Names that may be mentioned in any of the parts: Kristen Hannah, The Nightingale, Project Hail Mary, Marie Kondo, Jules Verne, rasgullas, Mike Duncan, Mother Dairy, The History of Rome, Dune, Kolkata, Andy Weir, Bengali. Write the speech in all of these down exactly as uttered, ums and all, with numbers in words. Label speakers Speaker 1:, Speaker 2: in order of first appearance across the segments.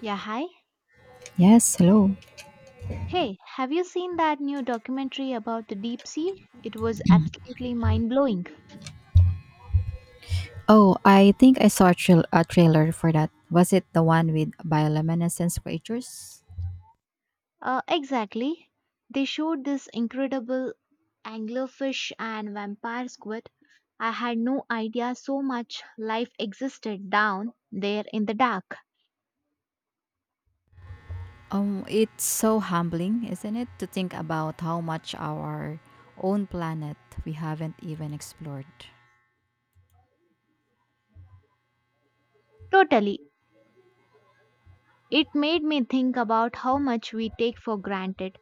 Speaker 1: Yeah, hi.
Speaker 2: Yes, hello.
Speaker 1: Hey, have you seen that new documentary about the deep sea? It was absolutely mind blowing.
Speaker 2: Oh, I think I saw a, trail a trailer for that. Was it the one with bioluminescence creatures?
Speaker 1: Uh, exactly. They showed this incredible anglerfish and vampire squid. I had no idea so much life existed down there in the dark.
Speaker 2: Um, it's so humbling, isn't it, to think about how much our own planet we haven't even explored.
Speaker 1: Totally. It made me think about how much we take for granted.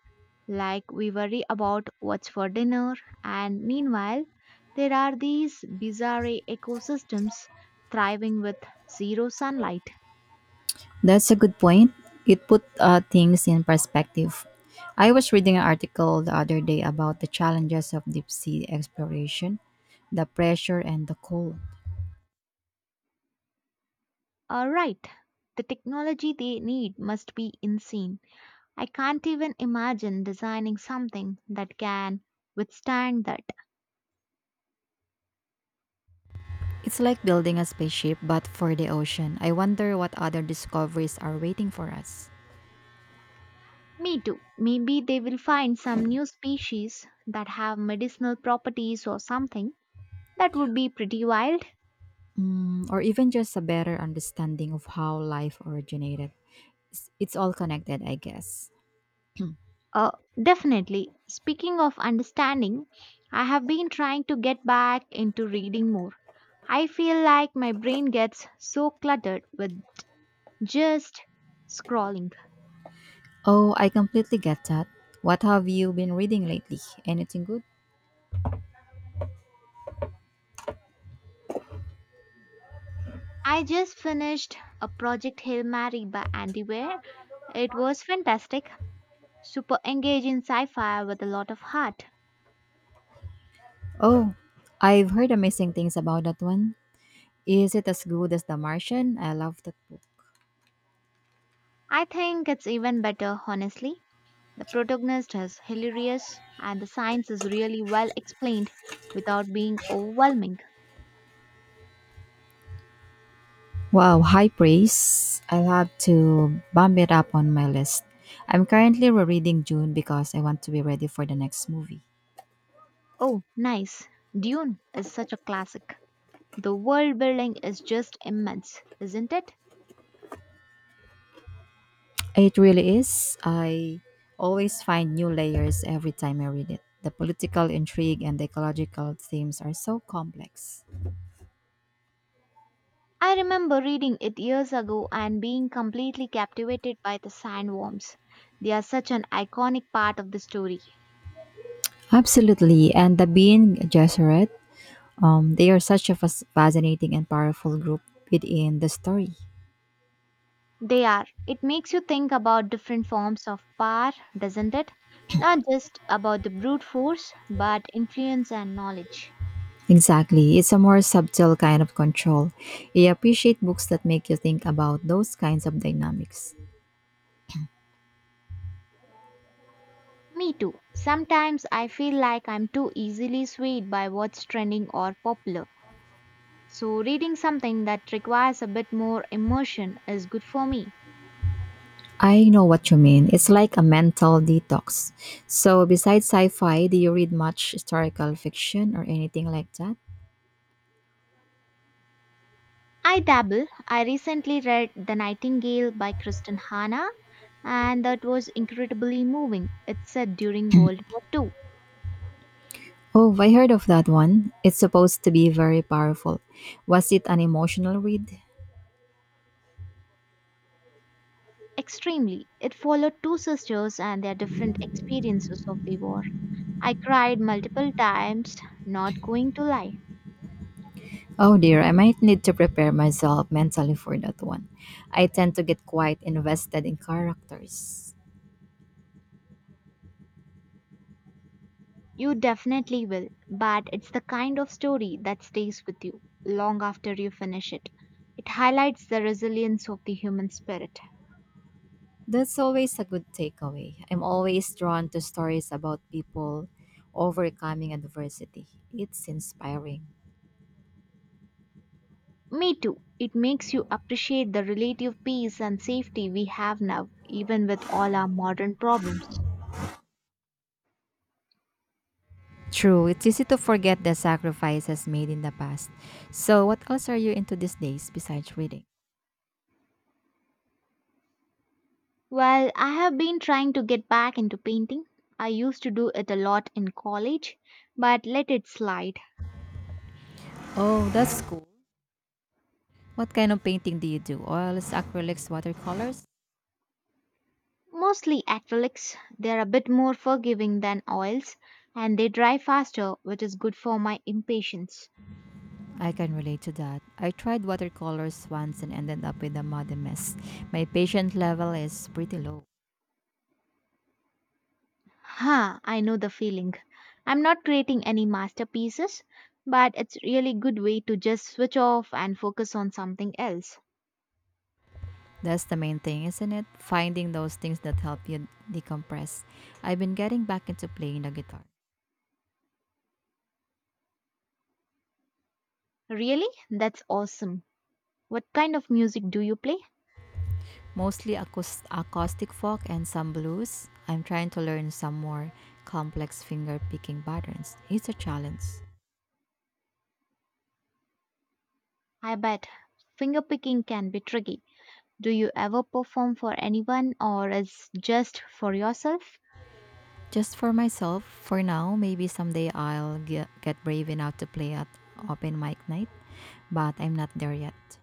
Speaker 1: Like we worry about what's for dinner, and meanwhile, there are these bizarre ecosystems thriving with zero sunlight.
Speaker 2: That's a good point. It put uh, things in perspective. I was reading an article the other day about the challenges of deep sea exploration, the pressure and the cold.
Speaker 1: Alright, the technology they need must be insane. I can't even imagine designing something that can withstand that.
Speaker 2: It's like building a spaceship, but for the ocean. I wonder what other discoveries are waiting for us.
Speaker 1: Me too. Maybe they will find some new species that have medicinal properties or something. That would be pretty wild.
Speaker 2: Mm, or even just a better understanding of how life originated. It's, it's all connected, I guess.
Speaker 1: Uh, Definitely. Speaking of understanding, I have been trying to get back into reading more. I feel like my brain gets so cluttered with just scrolling.
Speaker 2: Oh, I completely get that. What have you been reading lately? Anything good?
Speaker 1: I just finished a project Hail Mary by Andy Weir. It was fantastic, super engaging sci fi with a lot of heart.
Speaker 2: Oh, I've heard amazing things about that one. Is it as good as The Martian? I love that book.
Speaker 1: I think it's even better, honestly. The protagonist is hilarious and the science is really well explained without being overwhelming.
Speaker 2: Wow, high praise. I'll have to bump it up on my list. I'm currently rereading June because I want to be ready for the next movie.
Speaker 1: Oh, nice. Dune is such a classic. The world building is just immense, isn't it?
Speaker 2: It really is. I always find new layers every time I read it. The political intrigue and the ecological themes are so complex.
Speaker 1: I remember reading it years ago and being completely captivated by the sandworms. They are such an iconic part of the story.
Speaker 2: Absolutely. And the Being Gesserit, um, they are such a fas- fascinating and powerful group within the story.
Speaker 1: They are. It makes you think about different forms of power, doesn't it? Not just about the brute force, but influence and knowledge.
Speaker 2: Exactly. It's a more subtle kind of control. I appreciate books that make you think about those kinds of dynamics.
Speaker 1: Me too. Sometimes I feel like I'm too easily swayed by what's trending or popular. So, reading something that requires a bit more immersion is good for me.
Speaker 2: I know what you mean. It's like a mental detox. So, besides sci fi, do you read much historical fiction or anything like that?
Speaker 1: I dabble. I recently read The Nightingale by Kristen Hanna, and that was incredibly moving. It's set during World War two.
Speaker 2: Oh, I heard of that one. It's supposed to be very powerful. Was it an emotional read?
Speaker 1: Extremely. It followed two sisters and their different experiences of the war. I cried multiple times, not going to lie.
Speaker 2: Oh dear, I might need to prepare myself mentally for that one. I tend to get quite invested in characters.
Speaker 1: You definitely will, but it's the kind of story that stays with you long after you finish it. It highlights the resilience of the human spirit.
Speaker 2: That's always a good takeaway. I'm always drawn to stories about people overcoming adversity. It's inspiring.
Speaker 1: Me too. It makes you appreciate the relative peace and safety we have now, even with all our modern problems.
Speaker 2: True, it's easy to forget the sacrifices made in the past. So, what else are you into these days besides reading?
Speaker 1: Well, I have been trying to get back into painting. I used to do it a lot in college, but let it slide.
Speaker 2: Oh, that's cool. What kind of painting do you do? Oils, acrylics, watercolors?
Speaker 1: Mostly acrylics. They're a bit more forgiving than oils and they dry faster, which is good for my impatience.
Speaker 2: I can relate to that. I tried watercolors once and ended up with a muddy mess. My patient level is pretty low.
Speaker 1: Ha, I know the feeling. I'm not creating any masterpieces, but it's really good way to just switch off and focus on something else.
Speaker 2: That's the main thing, isn't it? Finding those things that help you decompress. I've been getting back into playing the guitar,
Speaker 1: Really? That's awesome. What kind of music do you play?
Speaker 2: mostly acous- acoustic folk and some blues. I'm trying to learn some more complex finger picking patterns. It's a challenge.
Speaker 1: I bet fingerpicking can be tricky. Do you ever perform for anyone or is just for yourself?
Speaker 2: Just for myself, for now, maybe someday I'll ge- get brave enough to play at open mic night, but I'm not there yet.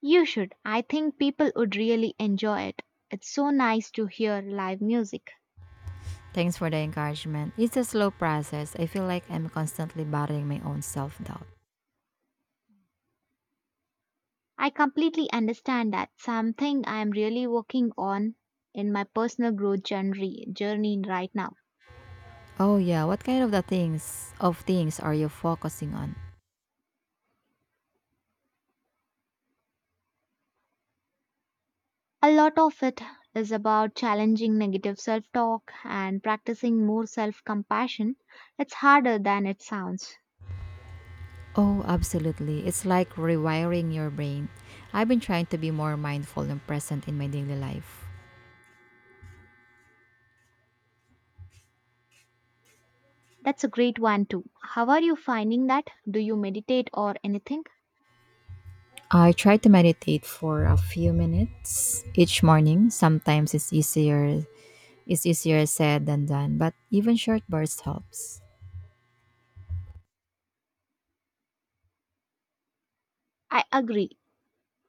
Speaker 1: You should. I think people would really enjoy it. It's so nice to hear live music.
Speaker 2: Thanks for the encouragement. It's a slow process. I feel like I'm constantly battling my own self doubt.
Speaker 1: I completely understand that something I am really working on in my personal growth journey, journey right now.
Speaker 2: Oh yeah, what kind of the things of things are you focusing on?
Speaker 1: A lot of it is about challenging negative self talk and practicing more self compassion. It's harder than it sounds.
Speaker 2: Oh, absolutely. It's like rewiring your brain. I've been trying to be more mindful and present in my daily life.
Speaker 1: That's a great one, too. How are you finding that? Do you meditate or anything?
Speaker 2: I try to meditate for a few minutes each morning. Sometimes it's easier it's easier said than done, but even short bursts helps.
Speaker 1: I agree.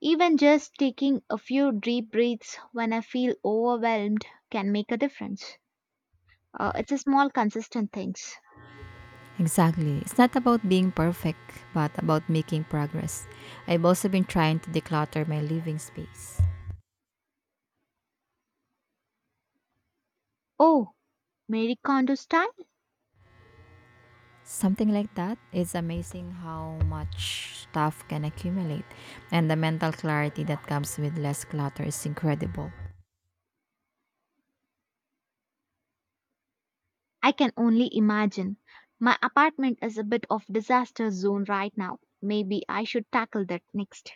Speaker 1: Even just taking a few deep breaths when I feel overwhelmed can make a difference. Uh, it's a small, consistent things.
Speaker 2: Exactly. It's not about being perfect, but about making progress. I've also been trying to declutter my living space.
Speaker 1: Oh, Mary Kondo style?
Speaker 2: Something like that. It's amazing how much stuff can accumulate, and the mental clarity that comes with less clutter is incredible.
Speaker 1: I can only imagine. My apartment is a bit of disaster zone right now. Maybe I should tackle that next.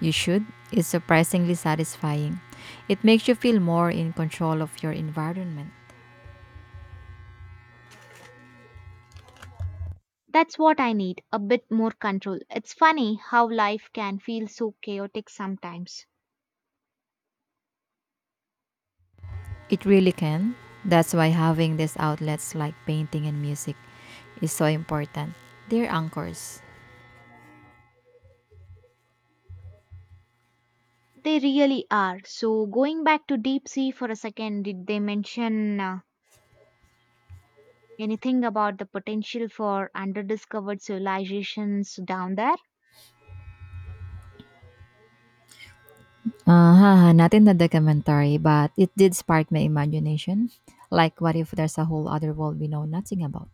Speaker 2: You should. It's surprisingly satisfying. It makes you feel more in control of your environment.
Speaker 1: That's what I need, a bit more control. It's funny how life can feel so chaotic sometimes.
Speaker 2: It really can. That's why having these outlets like painting and music is so important. They're anchors.
Speaker 1: They really are. So, going back to deep sea for a second, did they mention uh, anything about the potential for underdiscovered civilizations down there?
Speaker 2: Uh, haha, not in the documentary, but it did spark my imagination. Like, what if there's a whole other world we know nothing about?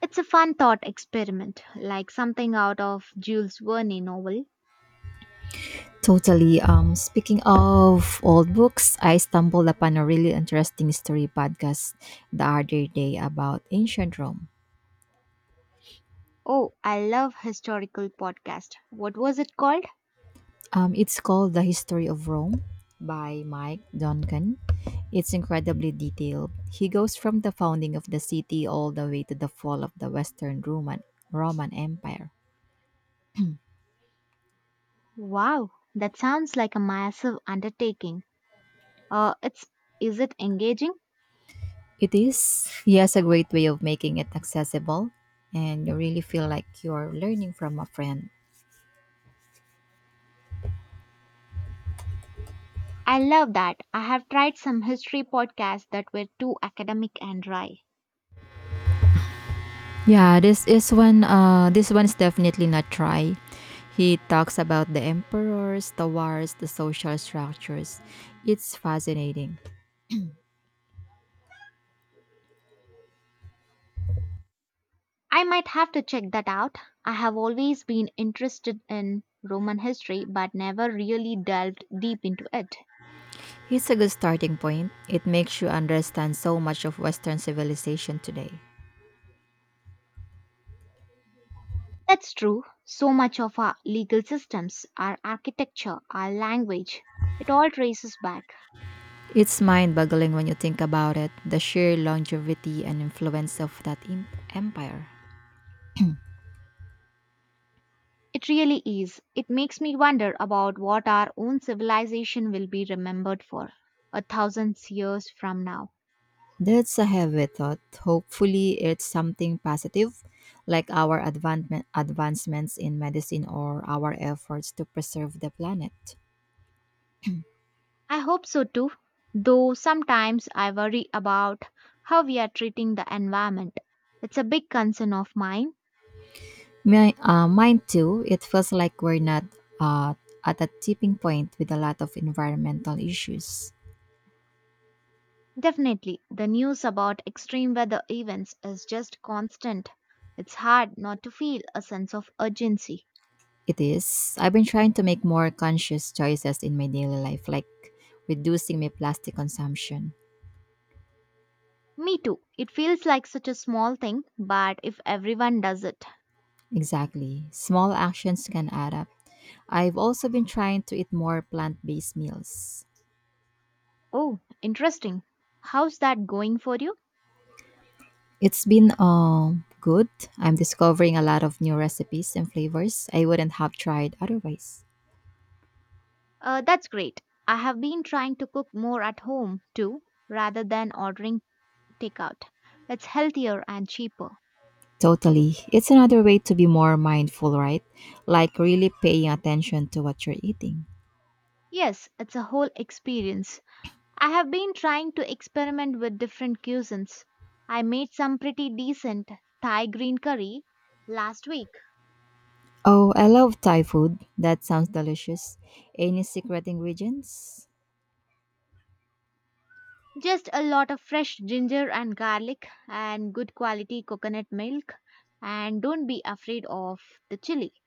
Speaker 1: It's a fun thought experiment, like something out of Jules Verne novel.
Speaker 2: Totally. Um, speaking of old books, I stumbled upon a really interesting history podcast the other day about ancient Rome.
Speaker 1: Oh, I love historical podcast. What was it called?
Speaker 2: Um, it's called The History of Rome by Mike Duncan. It's incredibly detailed. He goes from the founding of the city all the way to the fall of the Western Roman Roman Empire.
Speaker 1: Wow, that sounds like a massive undertaking. Uh, it's Is it engaging?
Speaker 2: It is. He has a great way of making it accessible, and you really feel like you're learning from a friend.
Speaker 1: I love that. I have tried some history podcasts that were too academic and dry.
Speaker 2: Yeah, this is one uh this one's definitely not dry. He talks about the emperors, the wars, the social structures. It's fascinating.
Speaker 1: I might have to check that out. I have always been interested in Roman history but never really delved deep into it.
Speaker 2: It's a good starting point. It makes you understand so much of Western civilization today.
Speaker 1: That's true. So much of our legal systems, our architecture, our language, it all traces back.
Speaker 2: It's mind boggling when you think about it the sheer longevity and influence of that im- empire.
Speaker 1: It really is. It makes me wonder about what our own civilization will be remembered for a thousand years from now.
Speaker 2: That's a heavy thought. Hopefully, it's something positive, like our advancement, advancements in medicine or our efforts to preserve the planet.
Speaker 1: I hope so too, though sometimes I worry about how we are treating the environment. It's a big concern of mine.
Speaker 2: My, uh, mine too. It feels like we're not uh, at a tipping point with a lot of environmental issues.
Speaker 1: Definitely, the news about extreme weather events is just constant. It's hard not to feel a sense of urgency.
Speaker 2: It is. I've been trying to make more conscious choices in my daily life, like reducing my plastic consumption.
Speaker 1: Me too. It feels like such a small thing, but if everyone does it.
Speaker 2: Exactly. Small actions can add up. I've also been trying to eat more plant based meals.
Speaker 1: Oh, interesting. How's that going for you?
Speaker 2: It's been um good. I'm discovering a lot of new recipes and flavors I wouldn't have tried otherwise.
Speaker 1: Uh, that's great. I have been trying to cook more at home too, rather than ordering takeout. It's healthier and cheaper.
Speaker 2: Totally. It's another way to be more mindful, right? Like really paying attention to what you're eating.
Speaker 1: Yes, it's a whole experience. I have been trying to experiment with different cuisines. I made some pretty decent Thai green curry last week.
Speaker 2: Oh, I love Thai food. That sounds delicious. Any secret ingredients?
Speaker 1: Just a lot of fresh ginger and garlic and good quality coconut milk. And don't be afraid of the chili.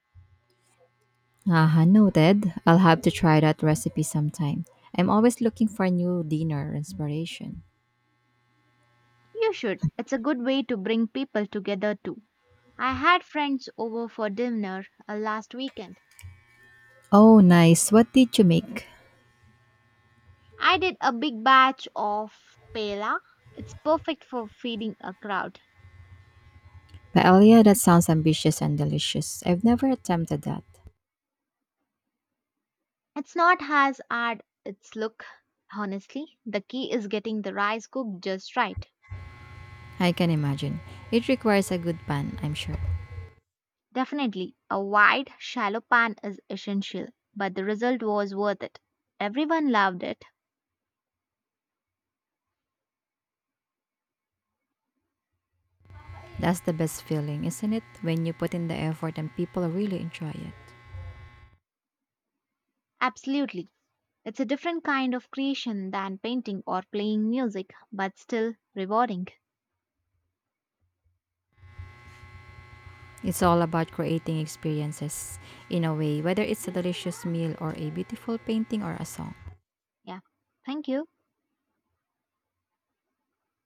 Speaker 2: Aha, noted. I'll have to try that recipe sometime. I'm always looking for new dinner inspiration.
Speaker 1: You should. It's a good way to bring people together too. I had friends over for dinner uh, last weekend.
Speaker 2: Oh, nice. What did you make?
Speaker 1: I did a big batch of paella. It's perfect for feeding a crowd.
Speaker 2: Paella, that sounds ambitious and delicious. I've never attempted that.
Speaker 1: It's not as hard its look, honestly. The key is getting the rice cooked just right.
Speaker 2: I can imagine. It requires a good pan, I'm sure.
Speaker 1: Definitely, a wide, shallow pan is essential, but the result was worth it. Everyone loved it.
Speaker 2: That's the best feeling, isn't it? When you put in the effort and people really enjoy it.
Speaker 1: Absolutely. It's a different kind of creation than painting or playing music, but still rewarding.
Speaker 2: It's all about creating experiences in a way, whether it's a delicious meal or a beautiful painting or a song.
Speaker 1: Yeah. Thank you.